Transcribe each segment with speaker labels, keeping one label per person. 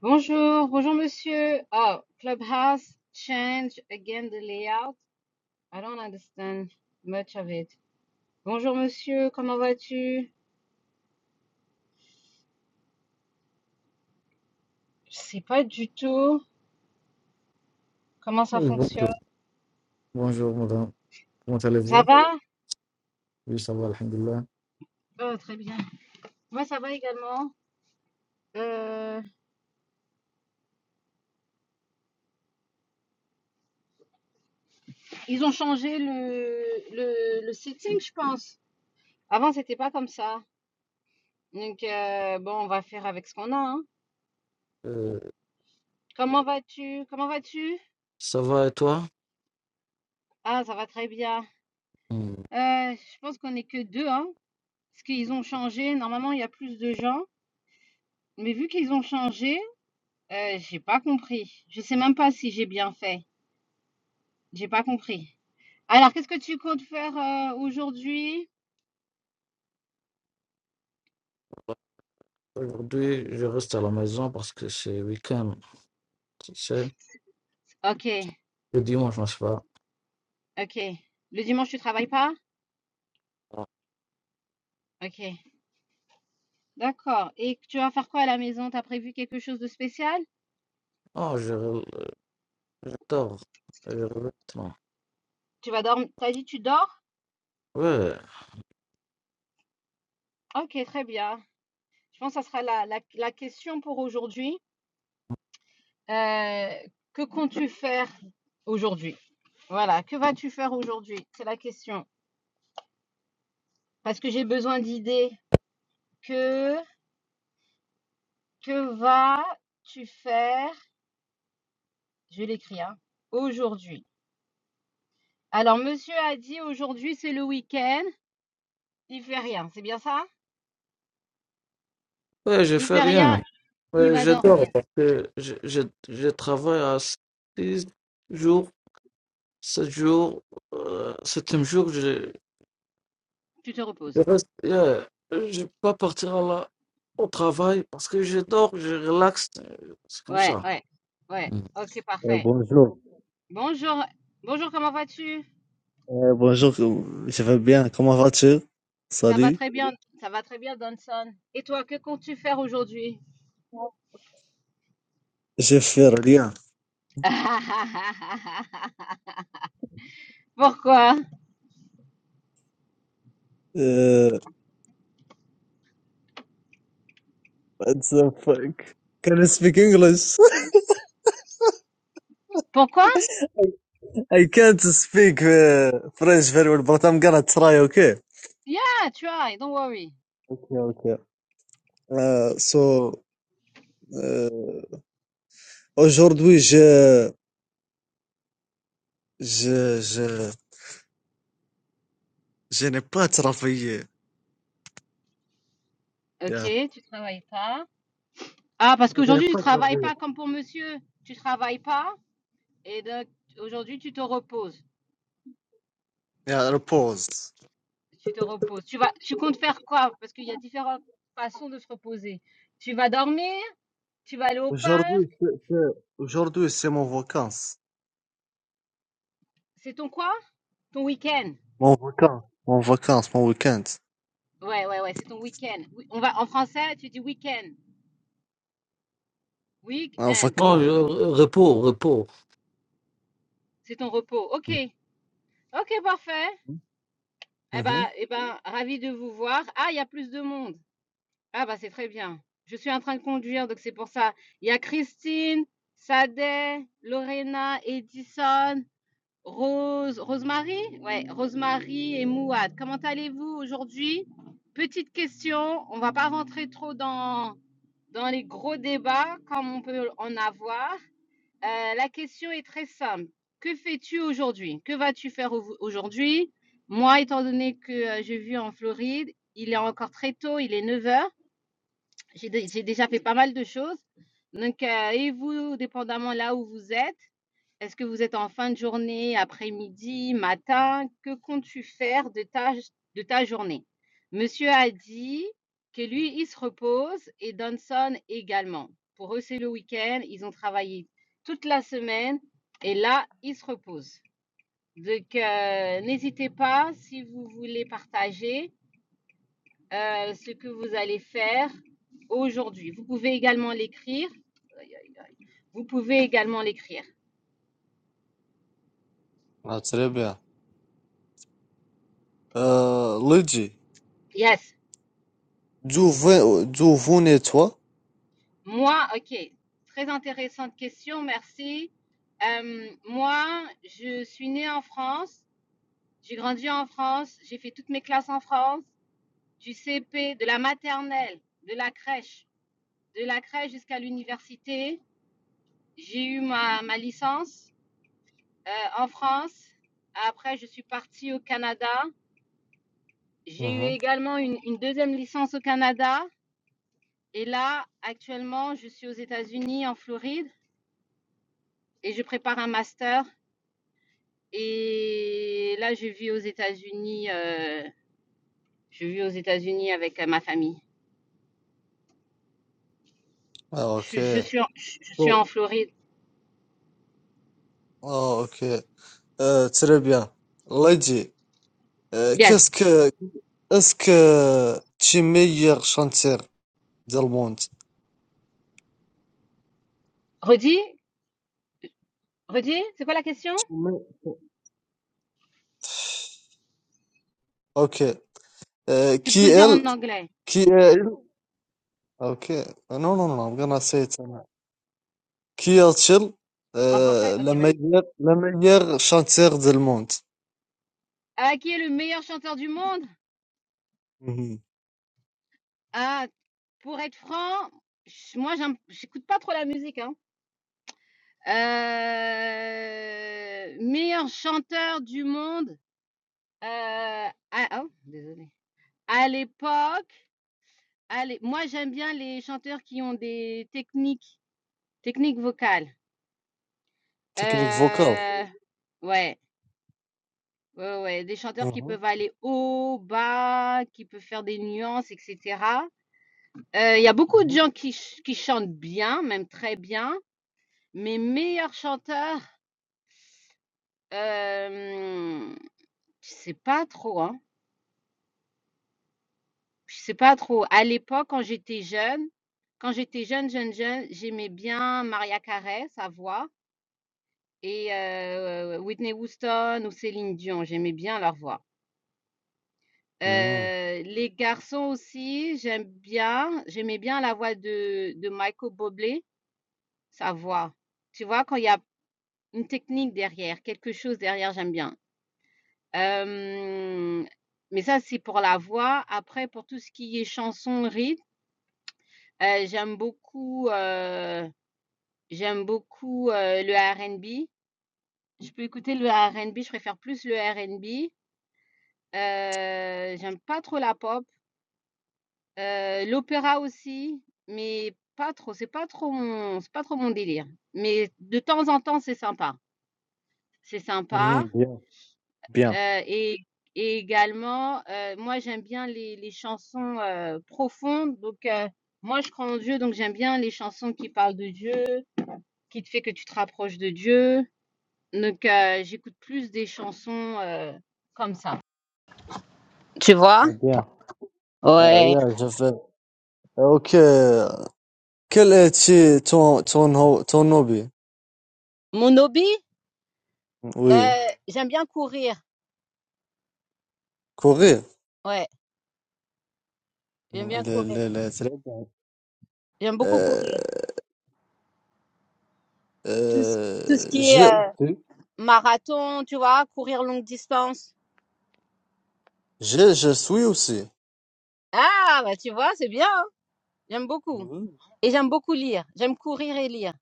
Speaker 1: Bonjour, bonjour monsieur. Oh, Clubhouse change again the layout. I don't understand much of it. Bonjour monsieur, comment vas-tu? Je sais pas du tout comment ça
Speaker 2: Oui,
Speaker 1: fonctionne.
Speaker 2: Bonjour, bonjour madame. Comment
Speaker 1: Ça
Speaker 2: allez-vous?
Speaker 1: va?
Speaker 2: Oui, ça va, alhamdulillah.
Speaker 1: Oh, très bien. Moi, ça va également. Euh, ils ont changé le, le, le setting, je pense. Avant, c'était pas comme ça. Donc, euh, bon, on va faire avec ce qu'on a, hein.
Speaker 2: Euh,
Speaker 1: Comment vas-tu? Comment vas-tu?
Speaker 2: ça va et toi?
Speaker 1: Ah, ça va très bien.
Speaker 2: Hmm.
Speaker 1: Euh, je pense qu'on est que deux, hein. Parce qu'ils ont changé, normalement il y a plus de gens, mais vu qu'ils ont changé, euh, j'ai pas compris. Je sais même pas si j'ai bien fait. J'ai pas compris. Alors, qu'est-ce que tu comptes faire euh, aujourd'hui?
Speaker 2: Aujourd'hui, je reste à la maison parce que c'est week-end. Tu sais,
Speaker 1: Ok,
Speaker 2: le dimanche, on se va.
Speaker 1: ok. Le dimanche, tu travailles pas? Ok, d'accord. Et tu vas faire quoi à la maison? T'as prévu quelque chose de spécial?
Speaker 2: Oh, je, re- je dors. Je re- non.
Speaker 1: Tu vas dormir? T'as dit tu dors?
Speaker 2: Ouais,
Speaker 1: Ok, très bien. Je pense que ça sera la, la, la question pour aujourd'hui. Euh, que comptes-tu faire aujourd'hui? Voilà, que vas-tu faire aujourd'hui? C'est la question. Parce que j'ai besoin d'idées. Que, que vas-tu faire Je l'écris, hein. Aujourd'hui. Alors, monsieur a dit aujourd'hui, c'est le week-end. Il fait rien, c'est bien ça
Speaker 2: ouais, je
Speaker 1: Il
Speaker 2: fais
Speaker 1: fait
Speaker 2: rien.
Speaker 1: rien, il
Speaker 2: Ouais,
Speaker 1: va
Speaker 2: je dors
Speaker 1: dormir.
Speaker 2: parce que je, je, je travaille à 6 jours, 7 jours, euh, 7 jours,
Speaker 1: Tu te
Speaker 2: Je
Speaker 1: reposes.
Speaker 2: reste, euh, je vais pas partir à la- au travail parce que je dors, je relaxe. euh, C'est comme
Speaker 1: Ouais,
Speaker 2: ça.
Speaker 1: ouais, ouais.
Speaker 2: Mm.
Speaker 1: Ok,
Speaker 3: Euh,
Speaker 1: parfait.
Speaker 3: bonjour.
Speaker 1: Bonjour, bonjour, comment vas-tu
Speaker 3: Euh, bonjour, je vais bien. Comment vas-tu?
Speaker 1: Ça va
Speaker 3: Salut.
Speaker 1: très bien, ça va très bien, Donson. Et toi, que comptes-tu faire aujourd'hui
Speaker 3: Je fais rien.
Speaker 1: Pourquoi
Speaker 3: Euh, what the fuck? Can I speak English?
Speaker 1: Pourquoi
Speaker 3: I can't speak uh, French very well, but I'm gonna try, okay?
Speaker 1: Yeah, try, don't worry.
Speaker 3: Okay, okay. Euh, so, euh, aujourd'hui, je, je, je, je n'ai pas travaillé.
Speaker 1: Ok,
Speaker 3: Yeah.
Speaker 1: tu travailles pas. Ah, parce
Speaker 3: Je n'ai
Speaker 1: qu'aujourd'hui, tu
Speaker 3: pas
Speaker 1: travailles
Speaker 3: travaillé.
Speaker 1: pas comme pour monsieur. Tu travailles pas et donc aujourd'hui, tu te reposes.
Speaker 3: Yeah, repose.
Speaker 1: Tu te reposes. Tu vas, tu comptes faire quoi? Parce qu'il y a différentes façons de se reposer. Tu vas dormir, tu vas aller au parc.
Speaker 3: Aujourd'hui, c'est, c'est- aujourd'hui, c'est mon vacances.
Speaker 1: C'est ton quoi? Ton week-end.
Speaker 3: Mon vacances, mon vacances, mon week-end.
Speaker 1: Ouais, ouais, ouais, c'est ton week-end. Oui, On va, en français, tu dis week-end.
Speaker 3: En
Speaker 1: Week-end.
Speaker 2: Bon,
Speaker 3: vacances.
Speaker 2: je- repos, repos.
Speaker 1: C'est ton repos. Ok.
Speaker 2: Mm.
Speaker 1: Ok, parfait. Eh ben,
Speaker 3: Mhm.
Speaker 1: eh ben, ravi de vous voir. Ah, il y a plus de monde. Ah bah, c'est très bien. Je suis en train de conduire, donc c'est pour ça. Il y a Christine, Sadeh, Lorena, Edison, Rose, Rosemary? Ouais, Rosemary et Mouad. Comment allez-vous aujourd'hui? Petite question, on va pas rentrer trop dans, dans les gros débats comme on peut en avoir. Euh, la question est très simple. Que fais-tu aujourd'hui? Que vas-tu faire au- aujourd'hui? Moi, étant donné que euh, je vis en Floride, il est encore très tôt, il est 9 heures. J'ai dé- j'ai déjà fait pas mal de choses. Donc, euh, et vous, dépendamment là où vous êtes, est-ce que vous êtes en fin de journée, après-midi, matin? Que comptes-tu faire de ta, de ta journée? Monsieur a dit que lui, il se repose et Danson également. Pour eux, c'est le week-end. Ils ont travaillé toute la semaine et là, ils se reposent. Donc, euh, n'hésitez pas si vous voulez partager euh, ce que vous allez faire aujourd'hui. Vous pouvez également l'écrire. Vous pouvez également l'écrire.
Speaker 3: Ah, très bien. Euh, Luigi,
Speaker 1: Yes.
Speaker 3: d'où ve- d'où venez-toi?
Speaker 1: Moi, ok. Très intéressante question, merci. Euh, moi, je suis née en France. J'ai grandi en France. J'ai fait toutes mes classes en France, du CP, de la maternelle, de la crèche, de la crèche jusqu'à l'université. J'ai eu ma, ma licence euh, en France. Après, je suis partie au Canada. J'ai eu
Speaker 3: Mhm.
Speaker 1: également une, une deuxième licence au Canada. Et là, actuellement, je suis aux États-Unis, en Floride, et je prépare un master. Et là, je vis aux États-Unis. euh, je vis aux États-Unis avec euh, ma famille.
Speaker 3: Ah,
Speaker 1: Je,
Speaker 3: ok.
Speaker 1: suis- je suis, en, je je suis en
Speaker 3: Oh.
Speaker 1: Floride.
Speaker 3: Ah, ok. Euh, très bien. Luigi, euh, qu'est-ce
Speaker 1: Yes.
Speaker 3: que, est-ce que tu es meilleur chanteur du monde?
Speaker 1: Redis, redis. C'est quoi la question
Speaker 3: Mais- Ok. Euh,
Speaker 1: Tu peux
Speaker 3: qui
Speaker 1: le dire
Speaker 3: elle?
Speaker 1: en anglais.
Speaker 3: Qui est elle? Ok. Uh, No, no, no, I'm gonna say it. Kylian
Speaker 1: En français,
Speaker 3: euh,
Speaker 1: ok.
Speaker 3: la
Speaker 1: vas-y.
Speaker 3: meilleure, la meilleure chanteuse du monde.
Speaker 1: Ah, qui est le meilleur chanteur du monde
Speaker 3: Mhm.
Speaker 1: Ah, pour être franc, je- moi, j'aime- j'écoute pas trop la musique. hein. Heu, meilleur chanteur du monde, heu, ah oh, désolée. À l'époque, allez, moi j'aime bien les chanteurs qui ont des techniques techniques vocales.
Speaker 3: Technique vocale.
Speaker 1: Heu, ouais, ouais, ouais, ouais, des chanteurs qui
Speaker 3: Mhm,
Speaker 1: peuvent aller haut, bas, qui peuvent faire des nuances et cetera. Heu, il y a beaucoup de
Speaker 3: mhm.
Speaker 1: gens qui ch qui chantent bien, même très bien, mais meilleur chanteur, hem, je sais pas trop, hein. Je sais pas trop. À l'époque, quand j'étais jeune, quand j'étais jeune, jeune, jeune, j'aimais bien Maria Carey, sa voix, et euh, Whitney Houston ou Céline Dion. J'aimais bien leur voix.
Speaker 3: Mhm,
Speaker 1: Euh, les garçons aussi, j'aime bien. J'aimais bien la voix de, de Michael Bublé, sa voix. Tu vois, quand il y a une technique derrière, quelque chose derrière, j'aime bien. Euh, mais ça, c'est pour la voix. Après, pour tout ce qui est chanson, rythme, euh, j'aime beaucoup. euh, J'aime beaucoup, heu, le R&B. Je peux écouter le R&B, je préfère plus le R&B. Heu, j'aime pas trop la pop. Heu, l'opéra aussi, mais pas trop, c'est pas trop mon c'est pas trop mon délire. Mais de temps en temps, c'est sympa. C'est sympa,
Speaker 3: mhm, Bien, bien,
Speaker 1: heu et et également, heu, moi, j'aime bien les les chansons, heu, profondes. Donc heu, moi, je crois en Dieu, donc j'aime bien les chansons qui parlent de Dieu, qui te fait que tu te rapproches de Dieu. Donc, heu, j'écoute plus des chansons, heu, comme ça. Tu vois?
Speaker 3: ah, bien. Euh,
Speaker 1: Ouais.
Speaker 3: yeah, je fais. Euh, Ok. Quel est ton, ton, ho- ton hobby?
Speaker 1: Mon hobby?
Speaker 3: Oui,
Speaker 1: Heu, j'aime bien courir.
Speaker 3: courir.
Speaker 1: Ouais, j'aime bien
Speaker 3: Le,
Speaker 1: courir.
Speaker 3: le, le, très bien.
Speaker 1: J'aime beaucoup
Speaker 3: Euh,
Speaker 1: courir. Tout ce tout ce
Speaker 3: euh,
Speaker 1: qui est,
Speaker 3: j'ai
Speaker 1: heu,
Speaker 3: aussi.
Speaker 1: marathon, tu vois? Courir longue distance.
Speaker 3: J'ai, je suis aussi.
Speaker 1: Ah! Bah, tu vois, c'est bien, hein? J'aime beaucoup
Speaker 3: Mhm,
Speaker 1: et j'aime beaucoup lire. J'aime courir et lire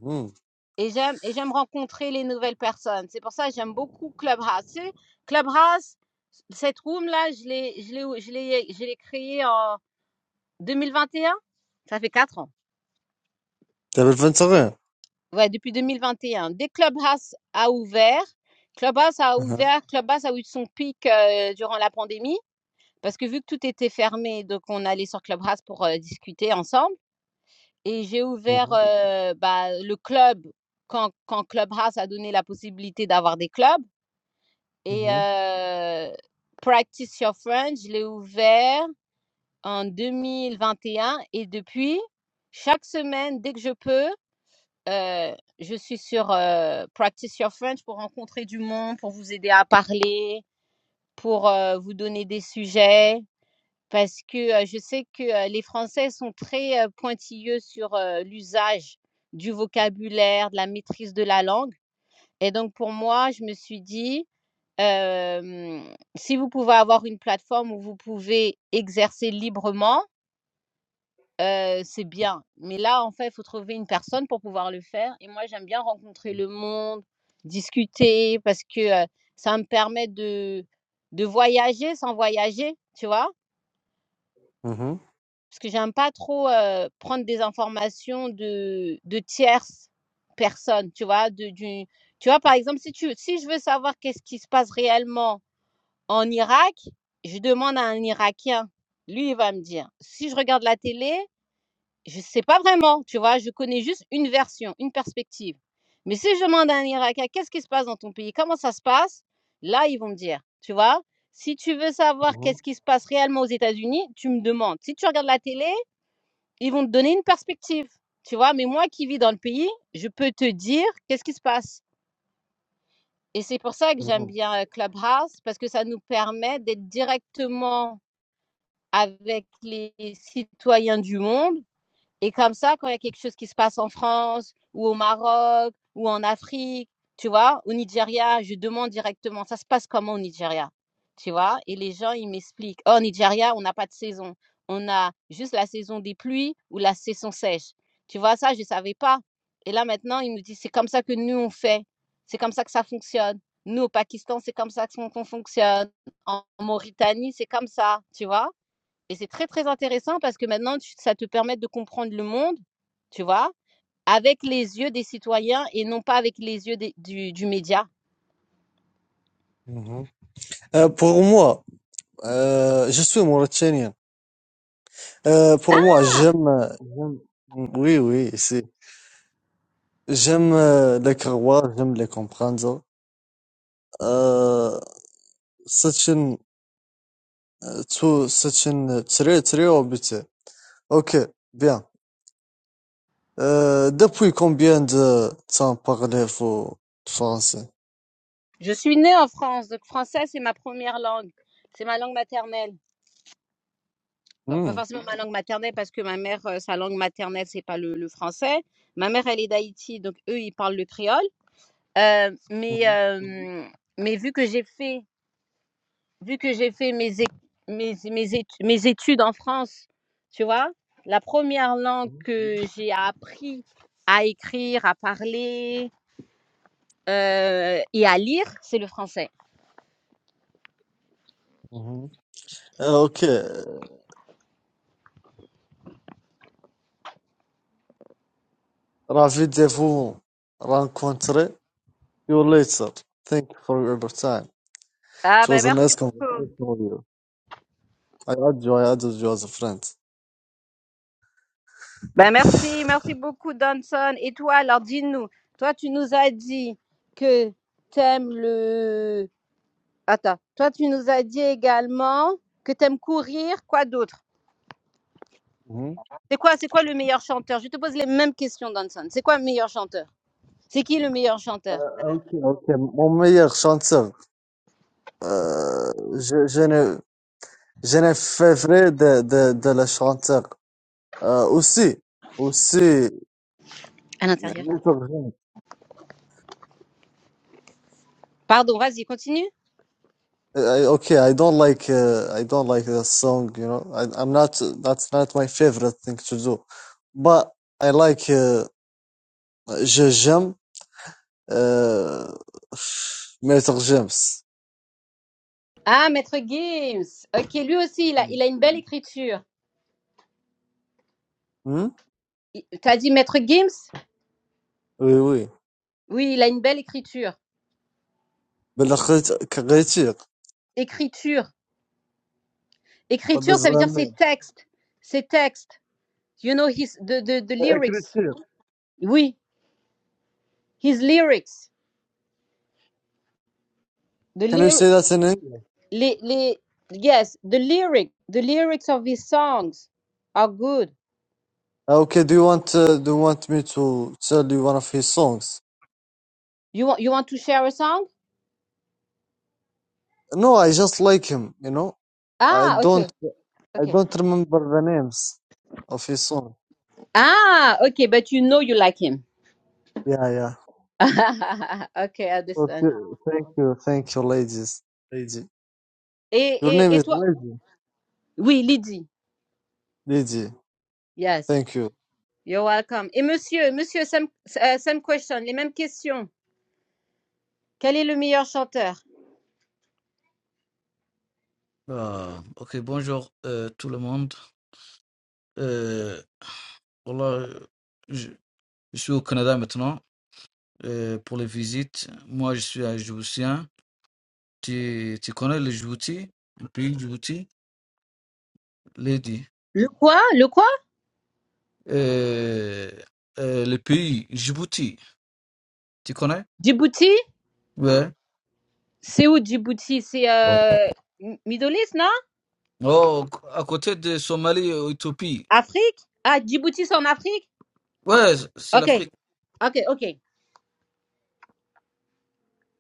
Speaker 3: mhm.
Speaker 1: et j'aime et j'aime rencontrer les nouvelles personnes. C'est pour ça que j'aime beaucoup Clubhouse. Tu sais, Clubhouse, cette room là, je l'ai je l'ai je l'ai je l'ai créée en 2021? Ça fait quatre ans.
Speaker 3: T'as le 21.
Speaker 1: Ouais, depuis 2021. Dès que Clubhouse a ouvert, Clubhouse a
Speaker 3: Mhm,
Speaker 1: ouvert, Clubhouse a eu son pic euh, durant la pandémie, parce que vu que tout était fermé, donc on allait sur Clubhouse pour euh, discuter ensemble. Et j'ai ouvert
Speaker 3: mhm,
Speaker 1: euh, bah, le club quand, quand Clubhouse a donné la possibilité d'avoir des clubs. Et
Speaker 3: mhm,
Speaker 1: euh, Practice Your French, je l'ai ouvert en 2021. Et un. Et depuis, chaque semaine, dès que je peux, Euh, je suis sur euh, Practice Your French pour rencontrer du monde, pour vous aider à parler, pour euh, vous donner des sujets. Parce que euh, je sais que euh, les Français sont très euh, pointilleux sur euh, l'usage du vocabulaire, de la maîtrise de la langue. Et donc pour moi, je me suis dit, euh, si vous pouvez avoir une plateforme où vous pouvez exercer librement, Heu, c'est bien, mais là, en fait, il faut trouver une personne pour pouvoir le faire et moi, j'aime bien rencontrer le monde, discuter parce que, heu, ça me permet de de voyager sans voyager, tu vois?
Speaker 3: mhm,
Speaker 1: Parce que j'aime pas trop, heu, prendre des informations de de tierces personnes, tu vois? De du tu vois, par exemple, si tu si je veux savoir qu'est-ce qui se passe réellement en Irak, je demande à un Irakien. Lui, il va me dire. Si je regarde la télé, Je ne sais pas vraiment, tu vois, je connais juste une version, une perspective. Mais si je demande à un Irakien, qu'est-ce qui se passe dans ton pays? Comment ça se passe? Là, ils vont me dire, tu vois. Si tu veux savoir
Speaker 3: mhm.
Speaker 1: qu'est-ce qui se passe réellement aux États-Unis, tu me demandes. Si tu regardes la télé, ils vont te donner une perspective, tu vois. Mais moi qui vis dans le pays, je peux te dire qu'est-ce qui se passe. Et c'est pour ça que j'aime
Speaker 3: mhm.
Speaker 1: bien euh, Clubhouse, parce que ça nous permet d'être directement avec les citoyens du monde et comme ça, quand il y a quelque chose qui se passe en France ou au Maroc ou en Afrique, tu vois, au Nigeria, je demande directement, ça se passe comment au Nigeria? Tu vois, et les gens, ils m'expliquent, oh, au Nigeria, on n'a pas de saison. On a juste la saison des pluies ou la saison sèche. Tu vois, ça, je ne savais pas. Et là, maintenant, ils nous disent, c'est comme ça que nous, on fait. C'est comme ça que ça fonctionne. Nous, au Pakistan, c'est comme ça qu'on qu'on fonctionne. En Mauritanie, c'est comme ça, tu vois. Et c'est très, très intéressant parce que maintenant, tu- ça te permet de comprendre le monde, tu vois, avec les yeux des citoyens et non pas avec les yeux des- du, du média.
Speaker 3: Mhm. Euh, pour moi, euh, je suis mauritanien. Euh, pour moi, j'aime, j'aime- oui, oui, c'est, j'aime euh, les Croates, j'aime les comprendre. Euh, c'est une, euh, tout- c'est une très, très habitude. Ok, bien. Euh, depuis combien de temps parlez-vous français?
Speaker 1: Je suis née en France, donc français, c'est ma première langue. C'est ma langue maternelle. Bon, pas
Speaker 3: Hmm.
Speaker 1: forcément ma langue maternelle parce que ma mère, euh, sa langue maternelle, c'est pas le, le français. Ma mère, elle est d'Haïti, donc eux, ils parlent le créole. Euh, mais,
Speaker 3: Mhm.
Speaker 1: euh, mais vu que j'ai fait vu que j'ai fait mes, é- mes, mes, étu- mes études en France, tu vois, la première langue que j'ai appris à écrire, à parler euh, et à lire, c'est le français.
Speaker 3: Mhm. Euh, ok, ravi de vous rencontrer. You later. Thank you for your time.
Speaker 1: Ah
Speaker 3: It
Speaker 1: ben
Speaker 3: was a
Speaker 1: merci.
Speaker 3: nice conversation with you. I add you, I added you as a friend.
Speaker 1: Ben merci, merci beaucoup Danson. Et toi, alors dis-nous, toi tu nous as dit que t'aimes le... Attends, toi tu nous as dit également que t'aimes courir, quoi d'autre?
Speaker 3: hmm
Speaker 1: C'est quoi, c'est quoi le meilleur chanteur? Je te pose les mêmes questions, Danson. C'est quoi le meilleur chanteur? C'est qui le meilleur chanteur
Speaker 3: Okay, okay. Mon meilleur chanteur, euh, je, je ne, je ne fais vrai de, de, de le chanteur. Euh, aussi, aussi,
Speaker 1: À
Speaker 3: mais
Speaker 1: l'intérieur.
Speaker 3: origines.
Speaker 1: Pardon, vas-y, continue.
Speaker 3: I, okay, I don't like, uh, I don't like the song, you know. I, I'm not, that's not my favorite thing to do. But I like, uh, je, j'aime, uh, Maître James.
Speaker 1: Ah, Maître Gims. Ok, lui aussi, il a, il a une belle écriture.
Speaker 3: Hmm?
Speaker 1: Il- T'as dit Maître Gims
Speaker 3: Oui, oui.
Speaker 1: Oui, il a une belle écriture.
Speaker 3: بالاخره Kritik.
Speaker 1: Écriture.
Speaker 3: What
Speaker 1: Écriture,
Speaker 3: does
Speaker 1: ça veut
Speaker 3: that
Speaker 1: dire ses
Speaker 3: mean?
Speaker 1: textes. Ses textes. You know, his, the, the, the
Speaker 3: Eh,
Speaker 1: lyrics.
Speaker 3: Kritik.
Speaker 1: Oui, his lyrics. The
Speaker 3: Can you
Speaker 1: lyr
Speaker 3: say that in English?
Speaker 1: les, les, yes, the lyric. The lyrics of his songs are good.
Speaker 3: Okay, do you want uh, do you want me to tell you one of his songs?
Speaker 1: You, want- you want to share a song
Speaker 3: No, I just like him, you know. I
Speaker 1: Ah,
Speaker 3: don't
Speaker 1: ok.
Speaker 3: I
Speaker 1: Ok.
Speaker 3: don't remember the names of his song.
Speaker 1: Ah, ok, but you know you like him.
Speaker 3: Yeah, yeah.
Speaker 1: ok, I understand.
Speaker 3: Okay, thank you, thank you, ladies. Lady.
Speaker 1: Et,
Speaker 3: Your name
Speaker 1: et, et
Speaker 3: is
Speaker 1: toi?
Speaker 3: Lady.
Speaker 1: Oui, Lydie.
Speaker 3: Lady.
Speaker 1: Yes,
Speaker 3: Thank you.
Speaker 1: you're welcome. Et monsieur, monsieur, same, euh, same question, les mêmes questions. Quel est le meilleur chanteur?
Speaker 2: Ah, ok, bonjour euh, tout le monde. Euh, voilà, euh, je, je suis au Canada maintenant euh, pour les visites. Moi, je suis un Djiboutien. Tu, tu connais le Djibouti, le pays Djibouti, Lady.
Speaker 1: Le quoi? Le quoi?
Speaker 2: Euh, euh, le pays Djibouti, tu connais?
Speaker 1: Djibouti?
Speaker 2: Ouais.
Speaker 1: C'est où Djibouti? C'est euh, M- Middle East, non?
Speaker 2: Oh, à côté de Somalie et Éthiopie.
Speaker 1: Afrique? Ah, Djibouti, c'est en Afrique?
Speaker 2: Ouais, c'est
Speaker 1: Ok,
Speaker 2: l'Afrique.
Speaker 1: ok, ok.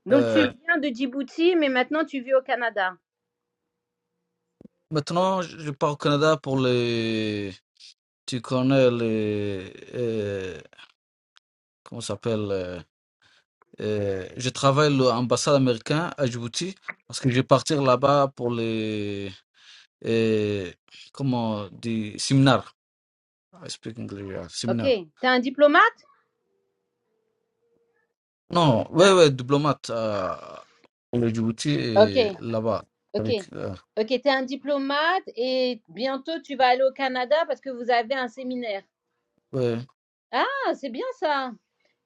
Speaker 1: Donc tu
Speaker 2: Euh,
Speaker 1: viens de Djibouti, mais maintenant tu vis au Canada.
Speaker 2: maintenant, je pars au Canada pour les. Tu connais les. euh, comment ça s'appelle euh, euh, Je travaille à l'ambassade américaine à Djibouti parce que je vais partir là-bas pour les. euh, comment Des séminaires. I speak English, yeah,
Speaker 1: Ok,
Speaker 2: séminaires.
Speaker 1: t'es un diplomate?
Speaker 2: Non, ouais, ouais, diplomate euh, pour le Djibouti et
Speaker 1: Ok.
Speaker 2: là-bas.
Speaker 1: Ok.
Speaker 2: Avec, euh,
Speaker 1: Ok, tu es un diplomate et bientôt tu vas aller au Canada parce que vous avez un séminaire.
Speaker 2: ouais.
Speaker 1: Ah, c'est bien ça.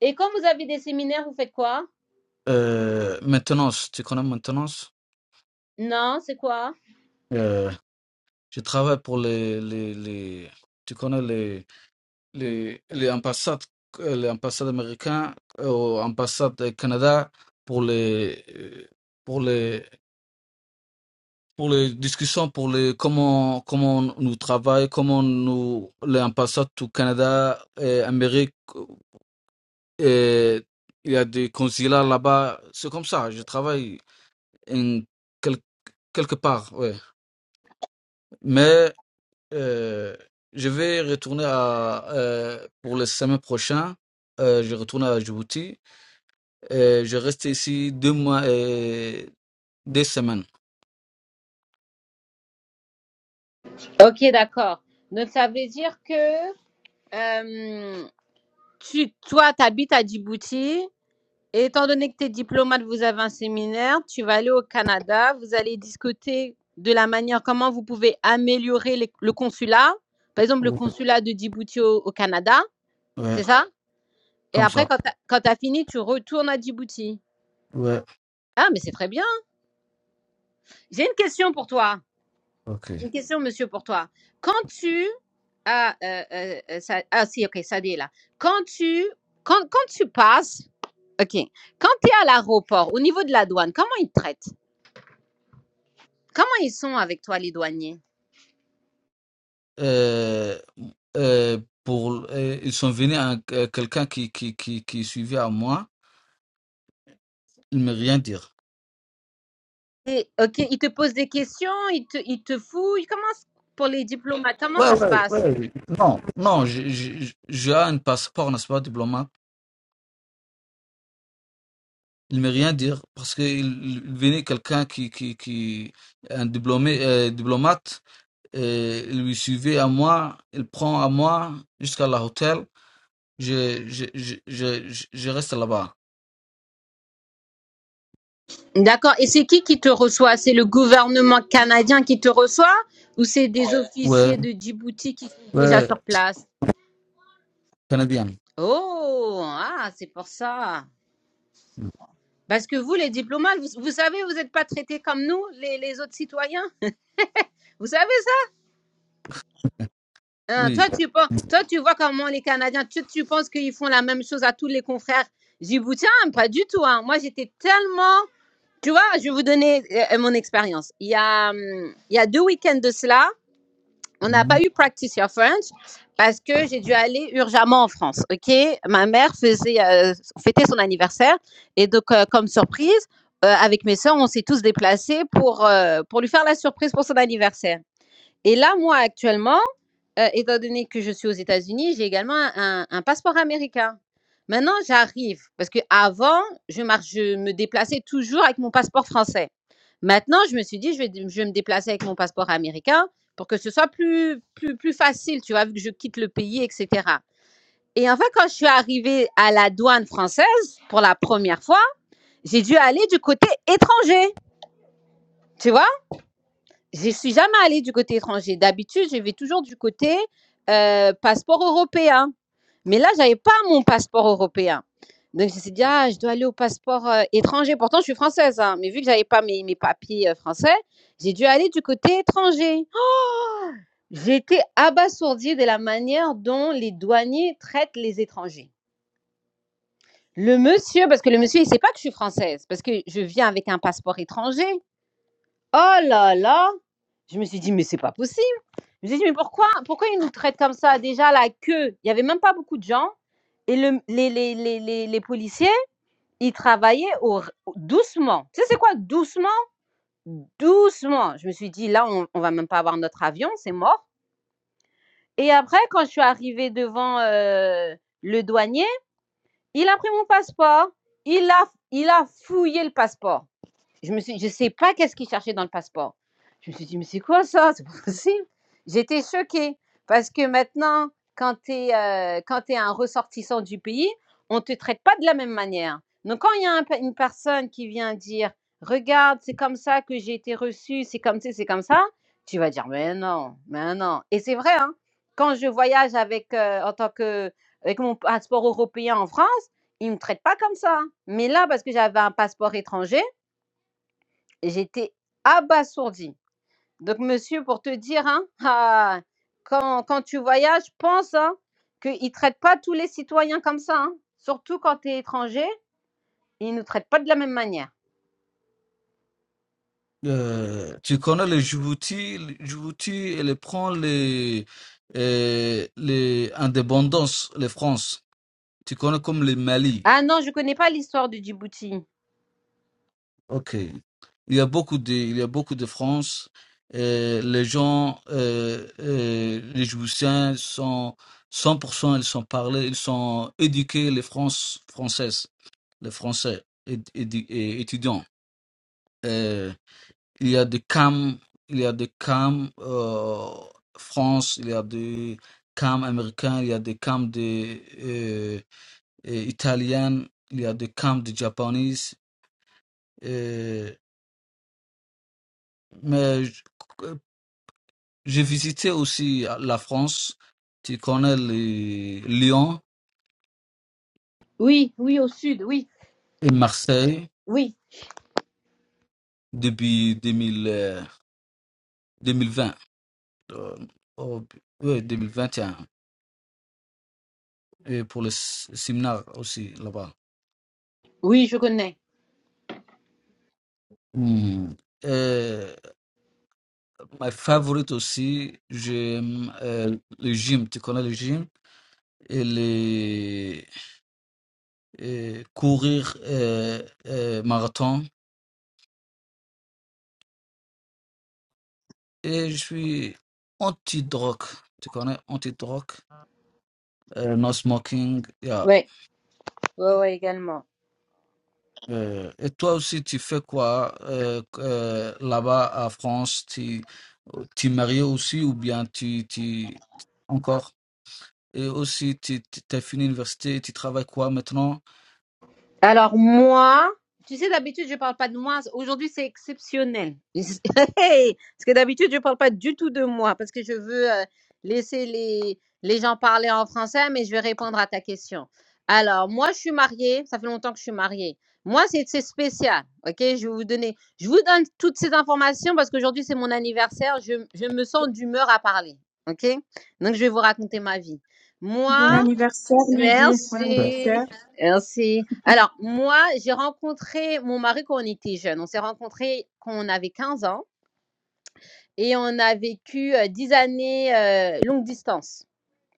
Speaker 1: Et quand vous avez des séminaires, vous faites quoi?
Speaker 2: Euh, maintenance, tu connais maintenance?
Speaker 1: Non, c'est quoi?
Speaker 2: Euh, je travaille pour les, les, les, tu connais les, les, les ambassades, euh, les ambassades américaines, euh, ambassades du Canada pour les, euh, pour les, pour les discussions, pour les, comment, comment nous travaillons, comment nous, les ambassades du Canada et Amérique, euh, et il y a des consulats là-bas, c'est comme ça, je travaille en quel- quelque part, ouais. Mais Euh, je vais retourner à, euh, pour le semaine prochain. Euh, je retourne à Djibouti. Euh, je reste ici deux mois et deux semaines.
Speaker 1: Ok, d'accord. Donc ça veut dire que euh, tu, toi, tu habites à Djibouti et étant donné que tu es diplomate, vous avez un séminaire, tu vas aller au Canada, vous allez discuter de la manière comment vous pouvez améliorer les- le consulat. Par exemple, le
Speaker 2: Ouais,
Speaker 1: consulat de Djibouti au au Canada, c'est
Speaker 2: Ouais,
Speaker 1: ça? Et
Speaker 2: comme
Speaker 1: après,
Speaker 2: ça.
Speaker 1: quand tu quand t'as fini, tu retournes à Djibouti.
Speaker 2: Ouais.
Speaker 1: Ah, mais c'est très bien. J'ai une question pour toi.
Speaker 2: Ok.
Speaker 1: J'ai Une question, monsieur, pour toi. Quand tu... Ah, euh, euh, euh, ça, ah si, ok, ça dit là. Quand tu, quand, quand tu passes... Ok. Quand tu es à l'aéroport, au niveau de la douane, comment ils te traitent Comment ils sont avec toi, les douaniers
Speaker 2: Euh, euh, pour, euh, ils sont venus à euh, quelqu'un qui, qui, qui, qui suivait à moi. Il ne me rien dire.
Speaker 1: Et, Ok, ils te posent des questions, ils te, ils te fouillent. Comment, c- pour les diplomates, comment
Speaker 2: Ouais,
Speaker 1: ça se
Speaker 2: ouais,
Speaker 1: passe
Speaker 2: ouais. Non, non, j'ai j'ai- j'ai un passeport, n'est-ce pas, diplomate. Il ne me rien dire parce qu'il venait quelqu'un qui, qui, qui, un diplômé, euh, diplomate, et il lui suivait à moi, il prend à moi jusqu'à l'hôtel. Je, je, je, je, je je reste là-bas.
Speaker 1: D'accord. Et c'est qui qui te reçoit? C'est le gouvernement canadien qui te reçoit ou c'est des Ouais.
Speaker 2: Ouais,
Speaker 1: officiers de Djibouti qui sont déjà
Speaker 2: ouais,
Speaker 1: sur place?
Speaker 2: canadien.
Speaker 1: Oh, ah, c'est pour ça. Parce que vous, les diplomates, vous, vous savez, vous n'êtes pas traités comme nous, les, les autres citoyens. Vous savez ça? Hein,
Speaker 2: Oui.
Speaker 1: toi, tu penses, toi, tu vois comment les Canadiens, tu, tu penses qu'ils font la même chose à tous les confrères djiboutiens? Pas du tout. hein. Moi, j'étais tellement... Tu vois, je vais vous donner euh, mon expérience. Il, y a, hum, il y a deux week-ends de cela, On n'a
Speaker 2: Mhm.
Speaker 1: pas eu Practice Your French parce que j'ai dû aller urgemment en France. Ok, ma mère faisait euh, fêter son anniversaire et donc euh, comme surprise, euh, avec mes soeurs, on s'est tous déplacés pour euh, pour lui faire la surprise pour son anniversaire. Et là, moi actuellement, Heu, étant donné que je suis aux États-Unis, j'ai également un un un passeport américain. Maintenant, j'arrive parce qu'avant, je mar je me déplaçais toujours avec mon passeport français. Maintenant, je me suis dit: «Je vais je vais me déplacer avec mon passeport américain pour que ce soit plus plus plus facile», tu vois? Vu que je quitte le pays et cetera et en fait, quand je suis arrivée à la douane française pour la première fois, j'ai dû aller du côté étranger, tu vois? Je suis jamais allée du côté étranger. D'habitude, je vais toujours du côté euh, passeport européen. Mais là, j'avais pas mon passeport européen. Donc, je me suis dit, ah, je dois aller au passeport euh, étranger. Pourtant, je suis française, hein, mais vu que j'avais pas mes, mes papiers euh, français, j'ai dû aller du côté étranger. J'étais abasourdie de la manière dont les douaniers traitent les étrangers. Le monsieur, parce que le monsieur, il sait pas que je suis française, parce que je viens avec un passeport étranger. Oh là là Je me suis dit, mais c'est pas possible. Je me suis dit: «Mais pourquoi pourquoi ils nous traitent comme ça?» Déjà la queue, il y avait même pas beaucoup de gens et le les les les les les policiers, ils travaillaient au r doucement. Tu sais c'est quoi doucement? Doucement. Je me suis dit: «Là, on on va même pas avoir notre avion, c'est mort» et après quand je suis arrivée devant, heu, le douanier, il a pris mon passeport, il a il a fouillé le passeport. Je me suis, je sais pas qu'est-ce qu'il cherchait dans le passeport. Je me suis dit, mais c'est quoi ça? C'est pas possible. J'étais choquée parce que maintenant, quand tu es, euh, quand t'es un ressortissant du pays, on ne te traite pas de la même manière. Donc, quand il y a un une personne qui vient dire, regarde, c'est comme ça que j'ai été reçue, c'est comme ça, c'est comme ça, tu vas dire, mais non, mais non. Et c'est vrai, hein. Quand je voyage avec, euh, en tant que, avec mon passeport européen en France, ils ne me traitent pas comme ça. Mais là, parce que j'avais un passeport étranger, J'étais abasourdie. Donc, monsieur, pour te dire, hein, ah, quand, quand tu voyages, pense hein, qu'ils ne traitent pas tous les citoyens comme ça. hein. Surtout quand tu es étranger, ils ne nous traitent pas de la même manière.
Speaker 2: Euh, tu connais les Djibouti, les Djibouti, elle prend les, euh, les indépendances, les France. Tu connais comme les Mali.
Speaker 1: Ah non, je ne connais pas l'histoire du Djibouti.
Speaker 2: Ok. Il y a beaucoup de, il y a beaucoup de France. Euh, les gens, euh, euh, les Jouissiens sont 100%, ils sont parlés, ils sont éduqués, les France, Françaises, les Français éd- édu- et étudiants. Euh, il y a des CAM, il y a des CAM euh, France, il y a des CAM américains, il y a des CAM de, euh, euh, italiennes, il y a des CAM de japonaises. Euh, mais J'ai visité aussi euh, la France. Tu connais les- Lyon
Speaker 1: Oui, oui, au sud, oui.
Speaker 2: et Marseille
Speaker 1: Oui,
Speaker 2: depuis 2000, euh, 2020. Euh, oh, oui, 2021. Et un. Et pour le s- séminaire aussi là-bas.
Speaker 1: oui, je connais.
Speaker 2: Hmm. Euh, ma favorite aussi, j'aime euh, le gym. Tu connais le gym? Et les et courir euh, euh, marathon. Et je suis anti-drogue. Tu connais anti-drogue? euh, no smoking. yeah.
Speaker 1: Ouais, ouais, ouais, également.
Speaker 2: Euh, et toi aussi, tu fais quoi euh, euh, là-bas à France? Tu tu es marié aussi ou bien tu, tu encore? Et aussi, tu tu- t'as fini l'université, tu travailles quoi maintenant?
Speaker 1: Alors moi, tu sais d'habitude je parle pas de moi. Aujourd'hui c'est exceptionnel. parce que d'habitude je parle pas du tout de moi parce que je veux euh, laisser les les gens parler en français, mais je vais répondre à ta question. Alors moi je suis mariée, ça fait longtemps que je suis mariée. Moi c'est c'est spécial, ok Je vais vous donner, je vous donne toutes ces informations parce qu'aujourd'hui c'est mon anniversaire. Je je me sens d'humeur à parler, ok Donc je vais vous raconter ma vie. Moi,
Speaker 4: Bon anniversaire, Lydie. Bon anniversaire.
Speaker 1: Merci. Merci. Alors, moi, j'ai rencontré mon mari quand on était jeunes. On s'est rencontrés quand on avait 15 ans et on a vécu euh, 10 années euh, longue distance.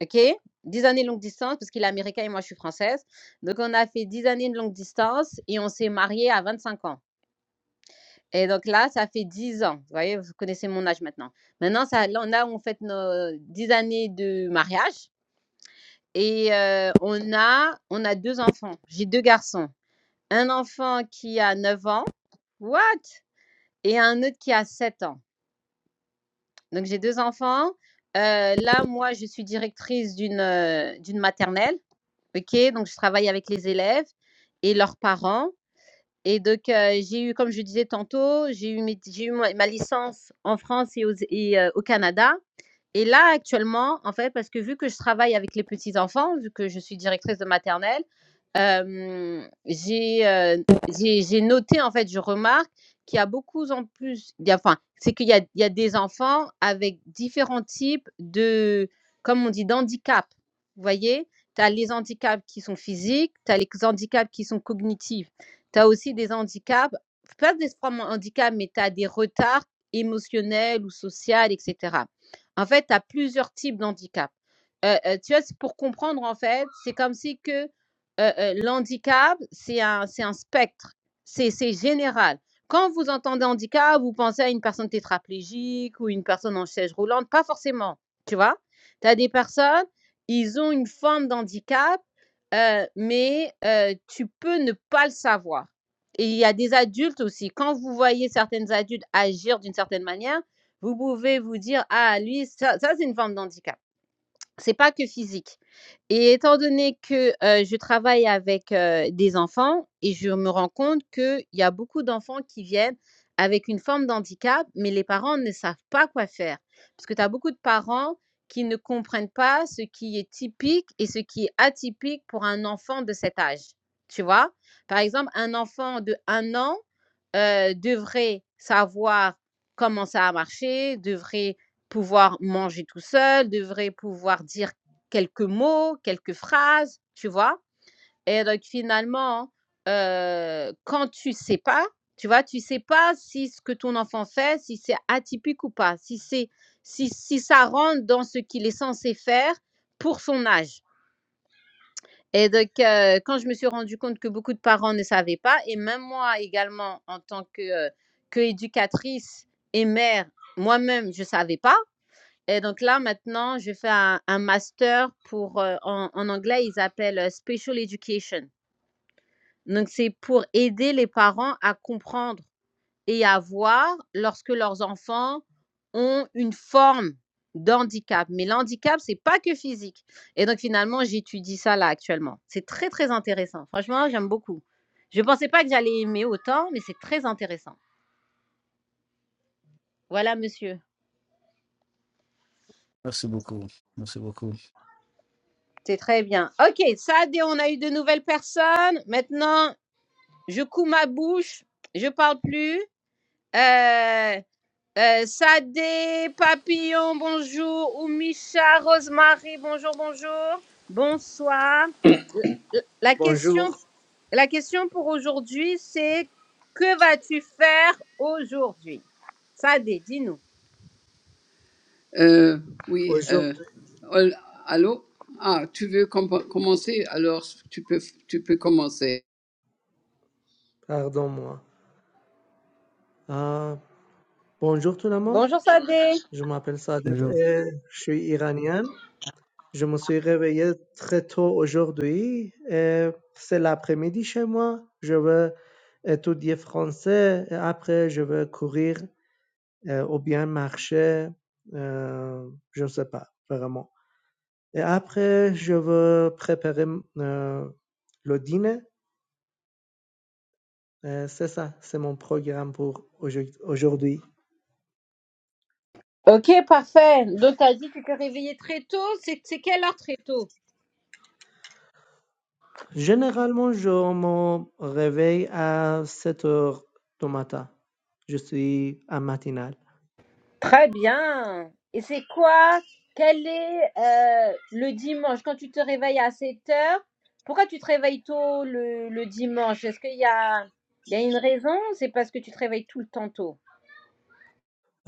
Speaker 1: OK 10 années longue distance parce qu'il est américain et moi, je suis française. Donc, on a fait 10 années de longue distance et on s'est mariés à 25 ans. Et donc là, ça fait 10 ans. Vous voyez, vous connaissez mon âge maintenant. Maintenant, ça, là, on a on fête nos 10 années de mariage et euh, on, a, on a deux enfants. J'ai deux garçons. Un enfant qui a 9 ans. What? Et un autre qui a 7 ans. Donc j'ai 2 enfants. Heu, là, moi, je suis directrice d'une, heu, d'une maternelle, OK? Donc je travaille avec les élèves et leurs parents et donc, heu, j'ai eu, comme je disais tantôt, j'ai eu mes j'ai eu ma ma licence en France et aux et heu, au Canada. Et là, actuellement, en fait, parce que vu que je travaille avec les petits-enfants, vu que je suis directrice de maternelle, hem, j'ai, heu, j'ai j'ai noté, en fait, je remarque qu'il y a beaucoup en plus il y a enfin, c'est qu'il y a il y a des enfants avec différents types de comme on dit, d'handicap, vous voyez? Tu as les handicaps qui sont physiques, tu as les handicaps qui sont cognitifs. Tu as aussi des handicaps, pas des formes de mais tu as des retards émotionnels ou sociaux, etc. En fait, tu as plusieurs types d'handicap. Euh, euh, tu vois, pour comprendre, en fait, c'est comme si que euh, euh, l'handicap, c'est un, c'est un spectre, c'est c'est général. Quand vous entendez handicap, vous pensez à une personne tétraplégique ou une personne en chaise roulante, pas forcément, tu vois. Tu as des personnes, ils ont une forme d'handicap Heu, mais heu, tu peux ne pas le savoir et il y a des adultes aussi. Quand vous voyez certaines adultes agir d'une certaine manière, vous pouvez vous dire: «Ah lui, ça ça c'est une forme d'handicap». C'est pas que physique et étant donné que, heu, je travaille avec, heu, des enfants et je me rends compte qu'il y a beaucoup d'enfants qui viennent avec une forme d'handicap, mais les parents ne savent pas quoi faire. Parce que tu as beaucoup de parents qui ne comprennent pas ce qui est typique et ce qui est atypique pour un enfant de cet âge, tu vois? Par exemple, un enfant de un an, heu, devrait savoir comment ça a marché, devrait pouvoir manger tout seul, devrait pouvoir dire quelques mots, quelques phrases, tu vois. Et donc finalement, euh, quand tu sais pas, tu vois, tu sais pas si ce que ton enfant fait, si c'est atypique ou pas, si c'est si, si ça rentre dans ce qu'il est censé faire pour son âge. Et donc, euh, quand je me suis rendu compte que beaucoup de parents ne savaient pas, et même moi également, en tant que, euh, que éducatrice et mère, moi-même, je savais pas, et donc là, maintenant, je fais un, un master pour, euh, en, en anglais, ils appellent euh, Special Education. Donc, c'est pour aider les parents à comprendre et à voir lorsque leurs enfants ont une forme d'handicap. Mais l'handicap, c'est pas que physique. Et donc, finalement, j'étudie ça là actuellement. C'est très, très intéressant. Franchement, j'aime beaucoup. Je ne pensais pas que j'allais aimer autant, mais c'est très intéressant. Voilà, monsieur.
Speaker 2: Merci beaucoup. Merci beaucoup.
Speaker 1: C'est très bien. OK, Sade, on a eu de nouvelles personnes. Maintenant, je couds ma bouche, je parle plus. Euh, euh, Sadé, Papillon, bonjour. Oumicha, Rosemary, bonjour, bonjour. Bonsoir. La la question,
Speaker 5: Bonjour,
Speaker 1: la question pour aujourd'hui, c'est que vas-tu faire aujourd'hui Sadé, dis-nous.
Speaker 6: Euh, oui, euh,
Speaker 5: aujourd'hui.
Speaker 6: ol- allô? Ah, tu veux com- commencer? Alors, tu peux, tu peux commencer.
Speaker 5: Pardon-moi. Ah, bonjour tout le monde.
Speaker 1: Bonjour Sadé.
Speaker 5: Je m'appelle Sadet
Speaker 2: Bonjour.
Speaker 5: et je suis iranien. Je me suis réveillé très tôt aujourd'hui et c'est l'après-midi chez moi. Je veux étudier français et après je veux courir euh, ou bien marcher. euh, je ne sais pas vraiment. Et après je veux préparer euh, le dîner. Euh, c'est ça, c'est mon programme pour aujourd- aujourd'hui.
Speaker 1: Ok, parfait. Donc, t'as dit que tu t'es réveillé très tôt. C'est c'est quelle heure très tôt
Speaker 5: Généralement, je me réveille à 7 heures du matin. Je suis un matinal.
Speaker 1: Très bien. Et c'est quoi Quel est euh, le dimanche quand tu te réveilles à 7 heures Pourquoi tu te réveilles tôt le, le dimanche Est-ce qu'il y a, il y a une raison C'est parce que tu te réveilles tout le temps tôt.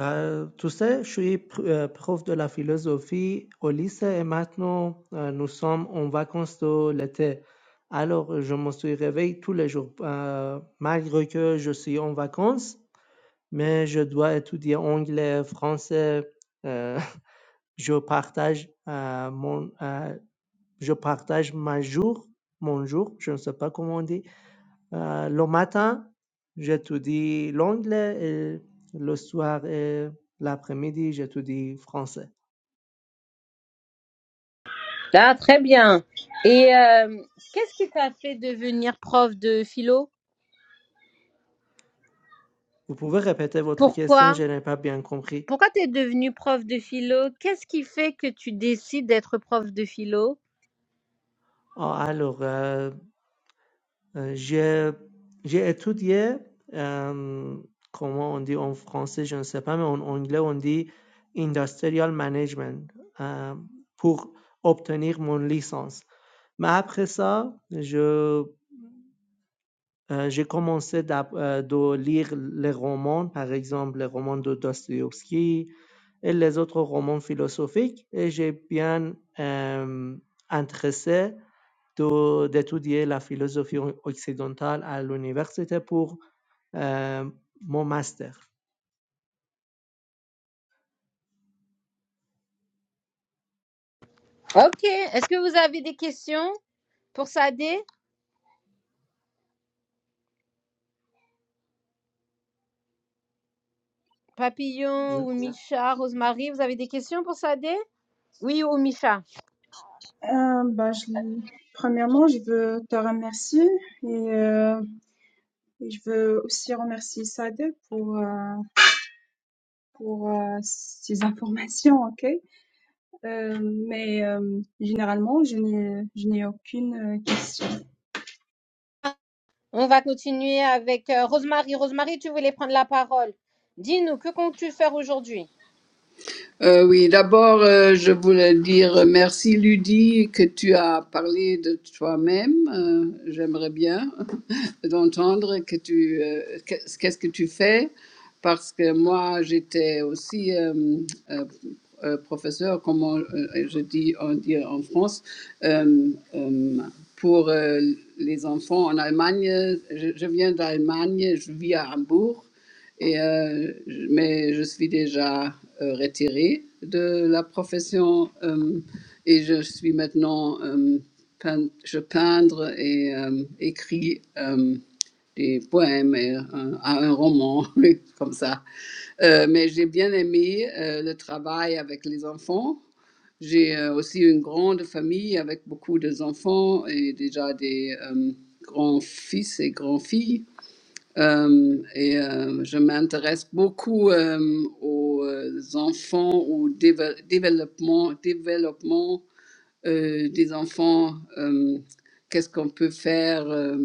Speaker 5: Euh, tu sais, je suis pr- euh, prof de la philosophie au lycée et maintenant euh, nous sommes en vacances de l'été. Alors, je me suis réveillé tous les jours, euh, malgré que je suis en vacances, mais je dois étudier anglais, français. euh, je partage euh, mon, euh, je partage ma jour, mon jour, je ne sais pas comment on dit. Euh, le matin, j'étudie l'anglais et le soir et l'après-midi, j'étudie français.
Speaker 1: Ah, très bien. Et euh, qu'est-ce qui t'a fait devenir prof de philo
Speaker 5: Vous pouvez répéter votre question,
Speaker 1: Pourquoi
Speaker 5: je n'ai pas bien compris.
Speaker 1: Pourquoi t'es devenu prof de philo Qu'est-ce qui fait que tu décides d'être prof de philo
Speaker 5: Ah, alors, euh, euh, j'ai j'ai étudié, euh, comment on dit en français, je ne sais pas, mais en anglais, on dit industrial management euh, pour obtenir mon licence. Mais après ça, je Heu, j'ai commencé d'ap heu, de lire les romans, par exemple les romans de Dostoïevski et les autres romans philosophiques et j'ai bien, hem, intéressé de d'étudier la philosophie o occidentale à l'université pour, hem, mon master.
Speaker 1: Ok. Est-ce que vous avez des questions Pour Sadé, Papillon
Speaker 5: Je
Speaker 1: ou Micha, Rosemary, vous avez des questions pour Sadé Oui ou Micha
Speaker 4: Euh, bah, je, premièrement, je veux te remercier et, euh, et je veux aussi remercier Sade pour, euh, pour euh, ces informations, ok? Euh, mais euh, généralement, je n'ai, je n'ai aucune euh, question
Speaker 1: On va continuer avec euh, Rosemary. Rosemary, tu voulais prendre la parole. Dis-nous, que comptes-tu faire aujourd'hui
Speaker 6: Euh, oui, d'abord, euh, je voulais dire merci Ludie que tu as parlé de toi-même. Euh, J'aimerais bien d'entendre que tu euh, qu'est- qu'est-ce que tu fais parce que moi j'étais aussi euh, euh, euh, professeur, comme on- euh, je dis on dit en France, euh, euh, pour euh, les enfants en Allemagne. Je, je viens d'Allemagne, je vis à Hambourg et, euh, mais je suis déjà euh, retirée de la profession euh, et je suis maintenant, euh, peint- je peindre et euh, écris euh, des poèmes et un, un roman, oui, comme ça. Euh, mais j'ai bien aimé euh, le travail avec les enfants. J'ai euh, aussi une grande famille avec beaucoup d'enfants et déjà des euh, grands-fils et grands-filles. Euh, et euh, je m'intéresse beaucoup euh, aux euh, enfants, au déve- développement, développement euh, des enfants. euh, Qu'est-ce qu'on peut faire euh,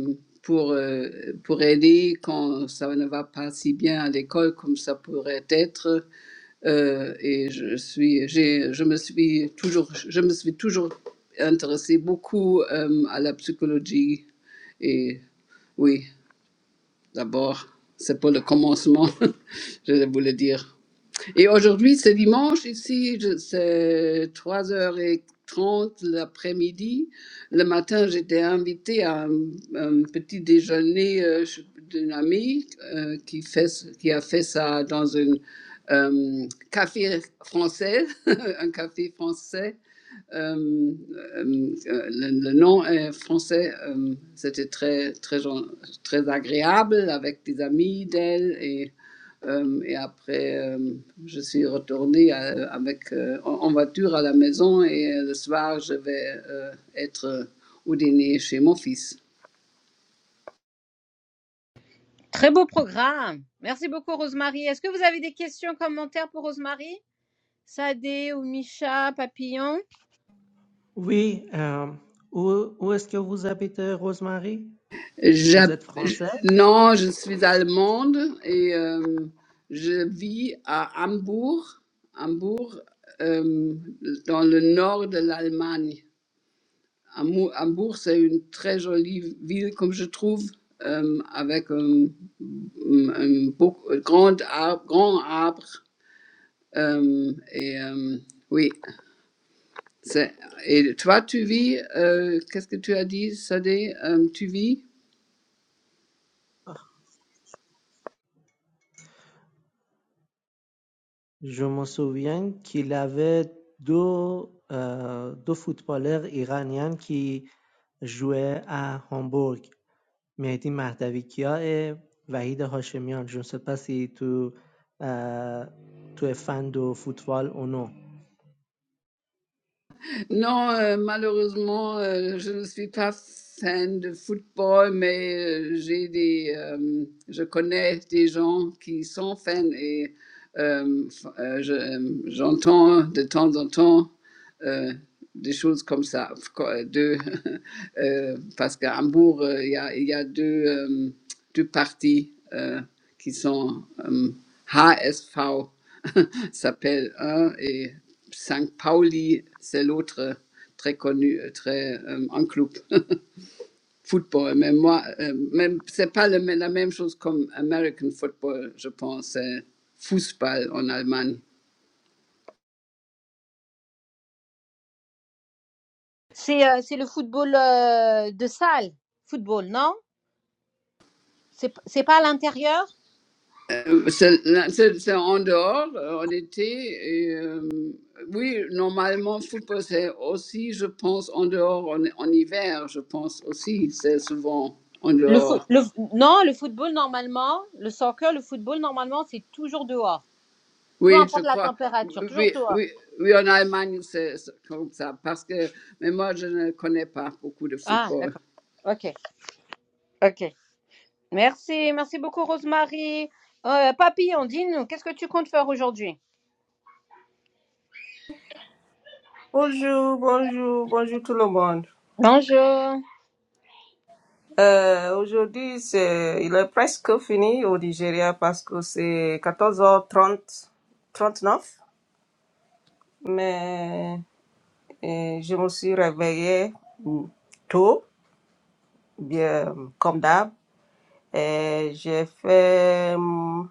Speaker 6: pour, euh, pour aider quand ça ne va pas si bien à l'école comme ça pourrait être. Euh, et je suis, j'ai, je me suis toujours, je me suis toujours intéressée beaucoup euh, à la psychologie. Et oui. D'abord, c'est pour le commencement, je vais vous le dire. Et aujourd'hui, c'est dimanche ici, je- c'est 3 h trente l'après-midi. Le matin, j'étais invitée à un, un petit déjeuner euh, ch- d'une amie euh, qui, fait, ce- qui a fait ça dans un café français, un café français. Euh, euh, euh, le, le nom est français, euh, c'était très, très, très agréable avec des amis d'elle. Et, euh, et après, euh, je suis retournée à- avec, euh, en voiture à la maison et euh, le soir, je vais euh, être au dîner chez mon fils.
Speaker 1: Très beau programme. Merci beaucoup, Rosemary. Est-ce que vous avez des questions, commentaires pour Rosemary Sadé ou Micha, Papillon
Speaker 5: oui, hem, où où est-ce que vous habitez, Rosemary? Vous
Speaker 6: J'ha-
Speaker 5: êtes
Speaker 6: je-
Speaker 5: française?
Speaker 6: non, je suis allemande et euh, je vis à Hambourg, Hambourg, euh, dans le nord de l'Allemagne. Hambourg, Hambourg, c'est une très jolie ville, comme je trouve, euh, avec euh, un, un beau- un grand arbre. Grand arbre euh, et euh, oui, c'est- et toi, tu vis, euh, qu'est-ce que tu as dit, Sadé Euh, tu vis?
Speaker 5: Je me souviens qu'il avait deux, euh, deux footballeurs iraniens qui jouaient à Hambourg, Mehdi Mahdavikia et Vahid Hashemian. Je ne sais pas si tu, euh, tu es fan de football ou non.
Speaker 6: Non, euh, malheureusement, euh, je ne suis pas fan de football, mais euh, j'ai des, euh, je connais des gens qui sont fans et euh, f- euh, je- euh, j'entends de temps en temps. euh, des choses comme ça. De, euh, parce qu'à Hambourg, euh, il y a, il y a deux, euh, deux partis euh, qui sont euh, HSV, s'appelle un, et Saint Pauli, c'est l'autre euh, très connu, euh, très euh, un club football. Mais moi, euh, même c'est pas le la même chose comme American football, je pense. C'est football en Allemagne.
Speaker 1: C'est euh, c'est le football euh, de salle. Football, non C'est c'est pas à l'intérieur
Speaker 6: Euh, C'est c'est- c'est en dehors, euh, en été. Et, euh, oui, normalement, football, c'est aussi, je pense, en dehors, en, en hiver, je pense aussi, c'est souvent en
Speaker 1: le foot,
Speaker 6: dehors.
Speaker 1: le, non, le football normalement, le soccer, le football normalement, c'est toujours dehors. Peu
Speaker 6: Oui, je
Speaker 1: importe la
Speaker 6: crois.
Speaker 1: température,
Speaker 6: Oui,
Speaker 1: toujours toi.
Speaker 6: oui, oui en Allemagne, c'est c'est comme ça. Parce que, mais moi, je ne connais pas beaucoup de
Speaker 1: Ah,
Speaker 6: football.
Speaker 1: d'accord. Ok, ok. Merci, merci beaucoup Rosemary. Euh, papillon, dis-nous, qu'est-ce que tu comptes faire aujourd'hui
Speaker 7: Bonjour, bonjour, bonjour tout le monde.
Speaker 1: Bonjour.
Speaker 7: Euh, aujourd'hui, c'est, il est presque fini au Nigeria parce que c'est quatorze heures trente trente-neuf. Mais euh, je me suis réveillée mm, tôt, bien comme d'hab. Et j'ai fait mm,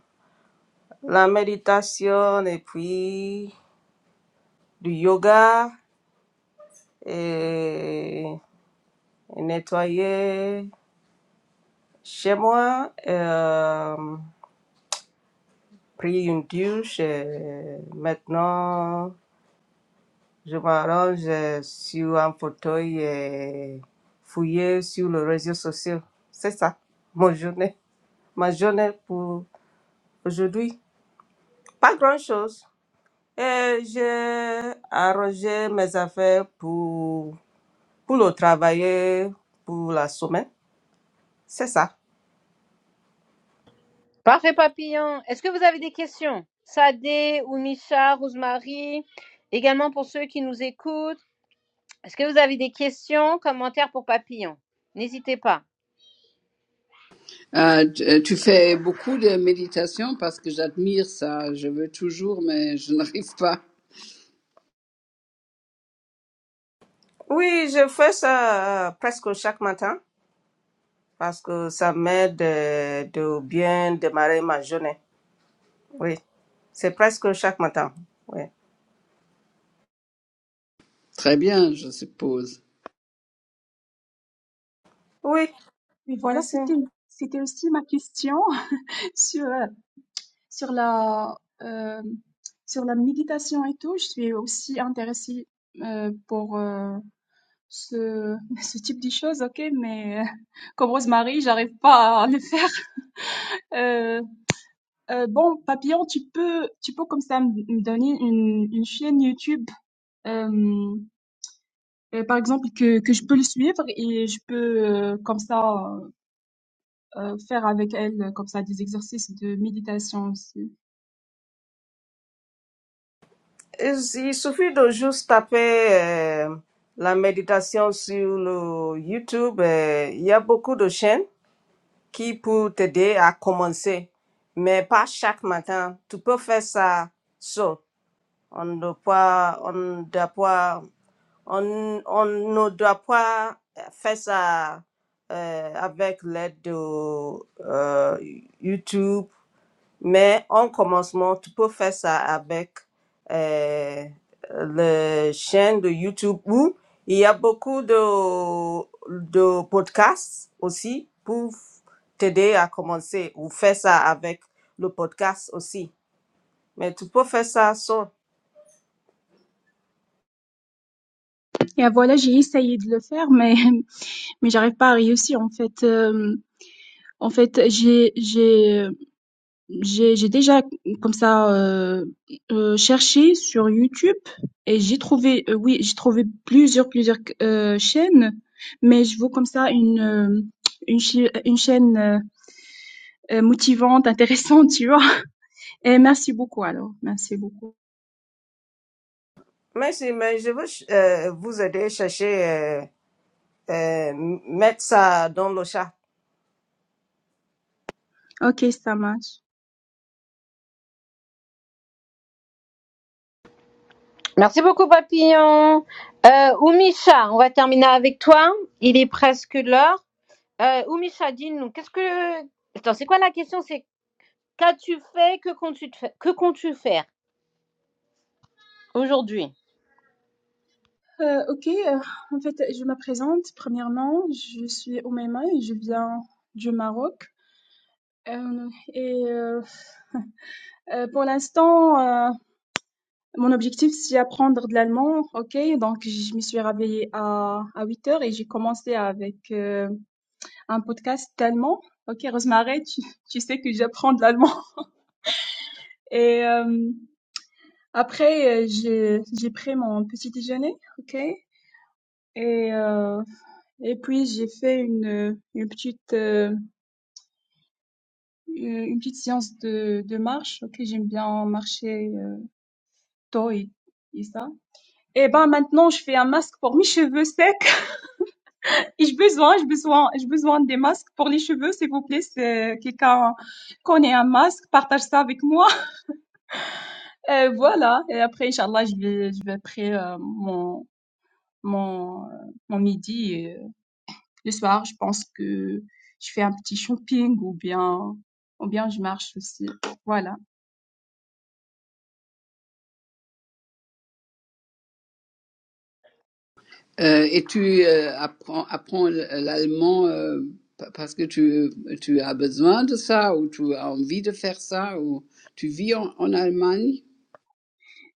Speaker 7: la méditation et puis du yoga et nettoyer chez moi. Euh, pris une douche. et maintenant, je m'arrange euh, sur un fauteuil et fouiller sur les réseaux sociaux. C'est ça, mon journée. Ma journée pour aujourd'hui. Pas grand-chose. Et j'ai arrangé mes affaires pour, pour le travailler pour la semaine. C'est ça.
Speaker 1: Parfait Papillon. Est-ce que vous avez des questions Sadé ou Micha, Rosemary, également pour ceux qui nous écoutent. Est-ce que vous avez des questions, commentaires pour Papillon N'hésitez pas.
Speaker 6: Euh, tu euh, tu fais beaucoup de méditation parce que j'admire ça. Je veux toujours, mais je n'arrive pas.
Speaker 7: Oui, je fais ça euh, presque chaque matin parce que ça m'aide de, de bien démarrer ma journée. oui C'est presque chaque matin. Ouais.
Speaker 6: Très bien, je suppose.
Speaker 7: Oui,
Speaker 4: Et voilà,
Speaker 7: merci.
Speaker 4: c'était, c'était aussi ma question. sur, euh, sur la, euh, sur la méditation et tout. Je suis aussi intéressée euh, pour, euh, ce, ce type de choses, ok, mais euh, comme Rosemary, j'arrive pas à le faire. Euh, euh, bon, Papillon, tu peux, tu peux comme ça me me donner une, une chaîne YouTube, euh, euh, par exemple, que, que je peux le suivre et je peux euh, comme ça euh, euh, faire avec elle euh, comme ça des exercices de méditation aussi.
Speaker 7: Il il suffit de juste taper euh, la méditation sur le YouTube. euh, Il y a beaucoup de chaînes qui peuvent t'aider à commencer, mais pas chaque matin. Tu peux faire ça seul. On ne doit pas, on ne doit pas, on, on ne doit pas faire ça euh, avec l'aide de euh, YouTube Mais en commencement, tu peux faire ça avec euh, le chaîne de YouTube où il y a beaucoup de, de podcasts aussi pour t'aider à commencer ou faire ça avec le podcast aussi. Mais tu peux faire ça sans.
Speaker 4: Et ah, voilà, j'ai essayé de le faire, mais mais j'arrive pas à réussir en fait. Euh, en fait, j'ai j'ai euh, J'ai j'ai déjà comme ça, heu heu, cherché sur YouTube et j'ai trouvé, heu, oui, j'ai trouvé plusieurs plusieurs q chaînes, mais je veux comme ça une, heu, une chai une chaîne, heu heu, motivante, intéressante, tu vois? Et merci beaucoup alors, merci beaucoup.
Speaker 7: Merci, mais je veux ch- euh, vous aider à chercher, euh, euh, mettre ça dans le chat.
Speaker 4: OK, ça marche.
Speaker 1: Merci beaucoup Papillon. Euh, ou Micha, on va terminer avec toi. Il est presque l'heure. Heu, Oumi Chadine, donc qu'est-ce que attends, c'est quoi la question? C'est qu'as-tu fait? Que comptes-tu te fai que comptes-tu faire aujourd'hui?
Speaker 4: Heu, OK, heu, en fait, je me présente, premièrement, je suis Oumaima et je viens du Maroc, hem et heu heu, pour l'instant, heu Mon objectif, c'est apprendre de l'allemand, ok. Donc, je me suis réveillée à, à 8 heures et j'ai commencé avec euh, un podcast d'allemand. Ok, Rosemary, tu, tu sais que j'apprends de l'allemand. Et euh, après, euh, j'ai j'ai pris mon petit déjeuner, ok. Et euh, et puis j'ai fait une une petite euh, une une petite séance de de marche. Ok, j'aime bien marcher euh, tôt et et ça. Et ben maintenant, je fais un masque pour mes cheveux secs. Et j'ai besoin, j'ai besoin, j'ai besoin des masques pour les cheveux, s'il vous plaît. Si euh, quelqu'un connaît un masque, partage ça avec moi. Euh, voilà. Et après, Inch'Allah, je vais, je vais après euh, mon, mon, euh, mon midi. et, euh, le soir, je pense que je fais un petit shopping ou bien, ou bien je marche aussi. Voilà.
Speaker 6: Euh, et tu euh, apprends, apprends l'allemand euh, pa- parce que tu, tu as besoin de ça ou tu as envie de faire ça ou tu vis en, en Allemagne.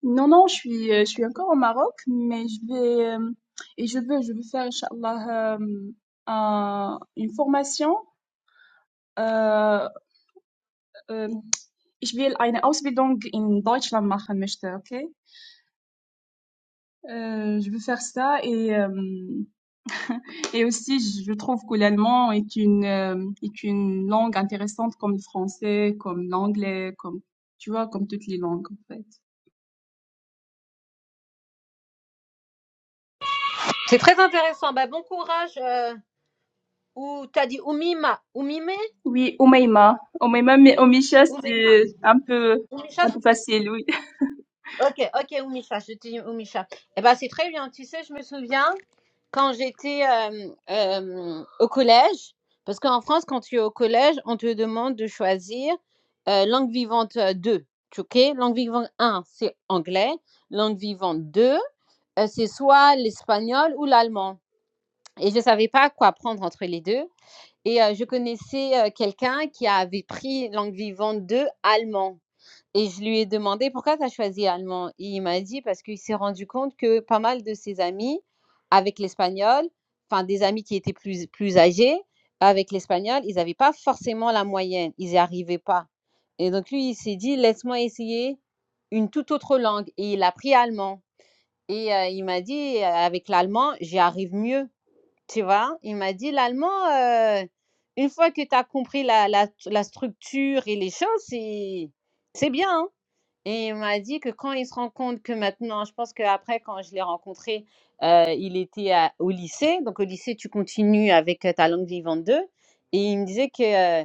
Speaker 4: Non, non, je suis, euh, je suis encore au Maroc, mais je vais, euh, et je veux, je veux faire, Inch'Allah, euh, un- une formation. Euh, euh, Ich will eine Ausbildung in Deutschland machen möchte, okay? Euh, je veux faire ça et euh, et aussi je trouve que l'allemand est une euh, est une langue intéressante comme le français, comme l'anglais, comme tu vois comme toutes les langues en fait.
Speaker 1: C'est très intéressant. Bah, bon courage, heu, ou t'as dit Oumima, Oumime?
Speaker 4: Oui, Omeima, Omeima mais Omisha
Speaker 1: Oumeima?
Speaker 4: c'est un peu
Speaker 1: Oumicha?
Speaker 4: un peu facile, oui.
Speaker 1: OK, OK, Oumicha, je t'ai dit Oumicha. Eh ben, c'est très bien, tu sais, je me souviens quand j'étais euh, euh, au collège, parce qu'en France, quand tu es au collège, on te demande de choisir euh, langue vivante euh, 2. tu- OK? Langue vivante un, c'est anglais. Langue vivante 2, euh, c'est soit l'espagnol ou l'allemand. Et je ne savais pas quoi prendre entre les deux. Et euh, je connaissais euh, quelqu'un qui avait pris langue vivante 2 allemand. Et je lui ai demandé: «Pourquoi tu as choisi allemand?» et il m'a dit: «Parce qu'il s'est rendu compte que pas mal de ses amis avec l'espagnol, enfin des amis qui étaient plus plus âgés, avec l'espagnol, ils n'avaient pas forcément la moyenne, ils y arrivaient pas» et donc lui, il s'est dit: «Laisse-moi essayer une toute autre langue» et il a pris allemand et heu, il m'a dit: «Heu, avec l'allemand, j'y arrive mieux», tu vois? Il m'a dit: «L'allemand, heu, une fois que tu as compris la la la structure et les choses, c'est c'est bien, hein». Et il m'a dit que quand il se rend compte que maintenant, je pense qu'après, quand je l'ai rencontré, euh, il était à- au lycée. Donc, au lycée, tu continues avec euh, ta langue vivante 2. Et il me disait que, euh,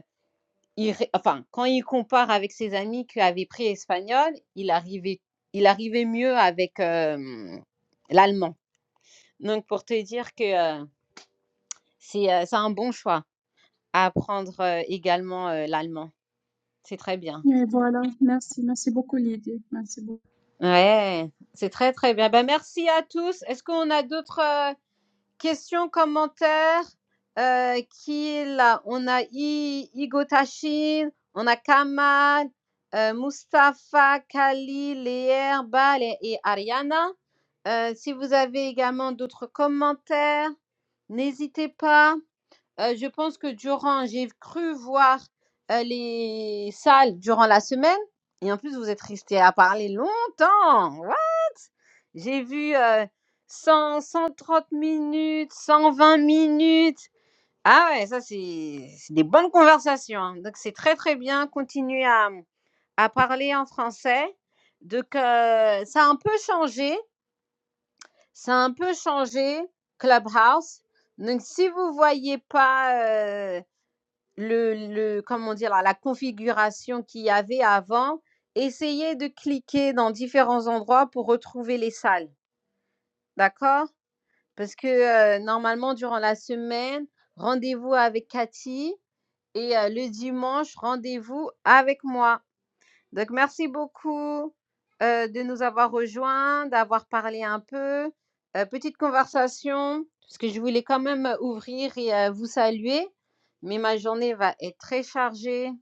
Speaker 1: il ré- enfin, quand il compare avec ses amis qui avaient pris espagnol, il arrivait, il arrivait mieux avec euh, l'allemand. Donc, pour te dire que euh, c'est euh, c'est un bon choix à apprendre euh, également euh, l'allemand. C'est très bien.
Speaker 4: Et voilà, merci, merci beaucoup Lydie, merci beaucoup.
Speaker 1: Ouais, c'est très, très bien. Ben, merci à tous. Est-ce qu'on a d'autres. euh, Question, commentaire. Euh, qui est là On a I, Igo Tashin, on a Kamal, euh, Mustafa, Kali, Léer, Bal et, et Ariana. Euh, si vous avez également d'autres commentaires, n'hésitez pas. Heu, je pense que durant j'ai cru voir, heu, les salles durant la semaine et en plus vous êtes resté à parler longtemps. What? J'ai vu, euh, cent cent trente minutes, 120 minutes. Ah ouais, ça c'est c'est des bonnes conversations, hein, donc c'est très, très bien. continuer à, mmh, à parler en français. Donc, heu, ça a un peu changé ça a un peu changé Clubhouse, donc si vous voyez pas, heu le le comment dire? La configuration qu'il y avait avant, essayez de cliquer dans différents endroits pour retrouver les salles, d'accord? Parce que, heu, normalement durant la semaine, rendez-vous avec Cathy et heu, le dimanche, rendez-vous avec moi. Donc merci beaucoup, heu, de nous avoir rejoints, d'avoir parlé un peu, heu, petite conversation, parce que je voulais quand même, ouvrir et heu, vous saluer, mais ma journée va être très chargée.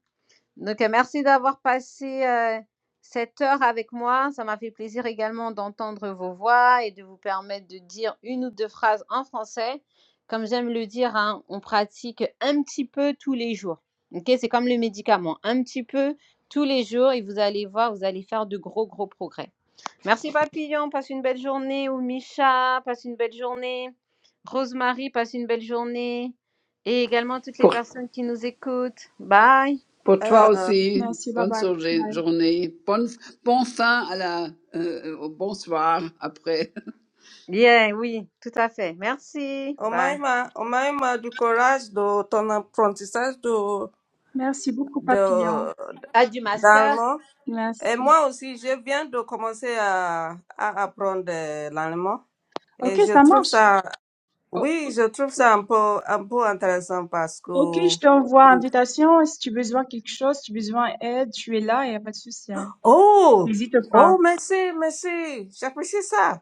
Speaker 1: Donc, euh, merci d'avoir passé euh, cette heure avec moi. Ça m'a fait plaisir également d'entendre vos voix et de vous permettre de dire une ou deux phrases en français. Comme j'aime le dire, hein, on pratique un petit peu tous les jours. Ok, C'est comme le médicament, un petit peu tous les jours et vous allez voir, vous allez faire de gros, gros progrès. Merci Papillon, passe une belle journée. Ou Micha, passe une belle journée. Rosemary, passe une belle journée. Et également toutes les
Speaker 6: Pour,
Speaker 1: personnes qui nous écoutent. Bye.
Speaker 6: pour toi
Speaker 7: Euh,
Speaker 6: aussi,
Speaker 4: Merci, bye
Speaker 6: bonne
Speaker 4: bye.
Speaker 6: sourgé-
Speaker 4: Bye.
Speaker 6: journée, bonne, bon fin à la, euh, au bonsoir après.
Speaker 1: Bien, oui, tout à fait. Merci. Bye.
Speaker 7: Omaima, Omaima, du courage de ton apprentissage
Speaker 4: Merci beaucoup Papillon,
Speaker 7: de,
Speaker 1: À du master.
Speaker 7: L'allemand Et
Speaker 4: merci.
Speaker 7: moi aussi, je viens de commencer à, à apprendre euh, l'allemand. Et
Speaker 4: Ok,
Speaker 7: je
Speaker 4: ça
Speaker 7: trouve
Speaker 4: marche.
Speaker 7: ça,
Speaker 4: O-
Speaker 7: oui, je trouve ça un peu, un peu intéressant parce que,
Speaker 4: ok, je t'envoie invitation. Si tu as besoin de quelque chose, si tu as besoin d'aide, tu es là, et n'y a pas de souci. hein.
Speaker 7: oh,
Speaker 4: N'hésite pas.
Speaker 7: oh, merci, merci. J'apprécie ça.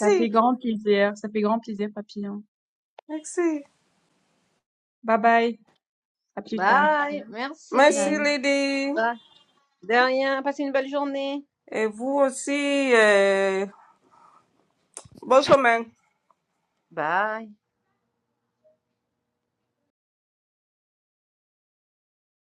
Speaker 4: Ça fait grand plaisir, ça fait grand plaisir Papillon.
Speaker 7: merci.
Speaker 4: Bye bye. À plus tard.
Speaker 1: Bye.
Speaker 4: Bye.
Speaker 7: Merci,
Speaker 1: Merci.
Speaker 7: Lydie.
Speaker 1: Bye. De rien. Passez une belle journée.
Speaker 7: Et vous aussi, euh, bonne semaine.
Speaker 1: Bye.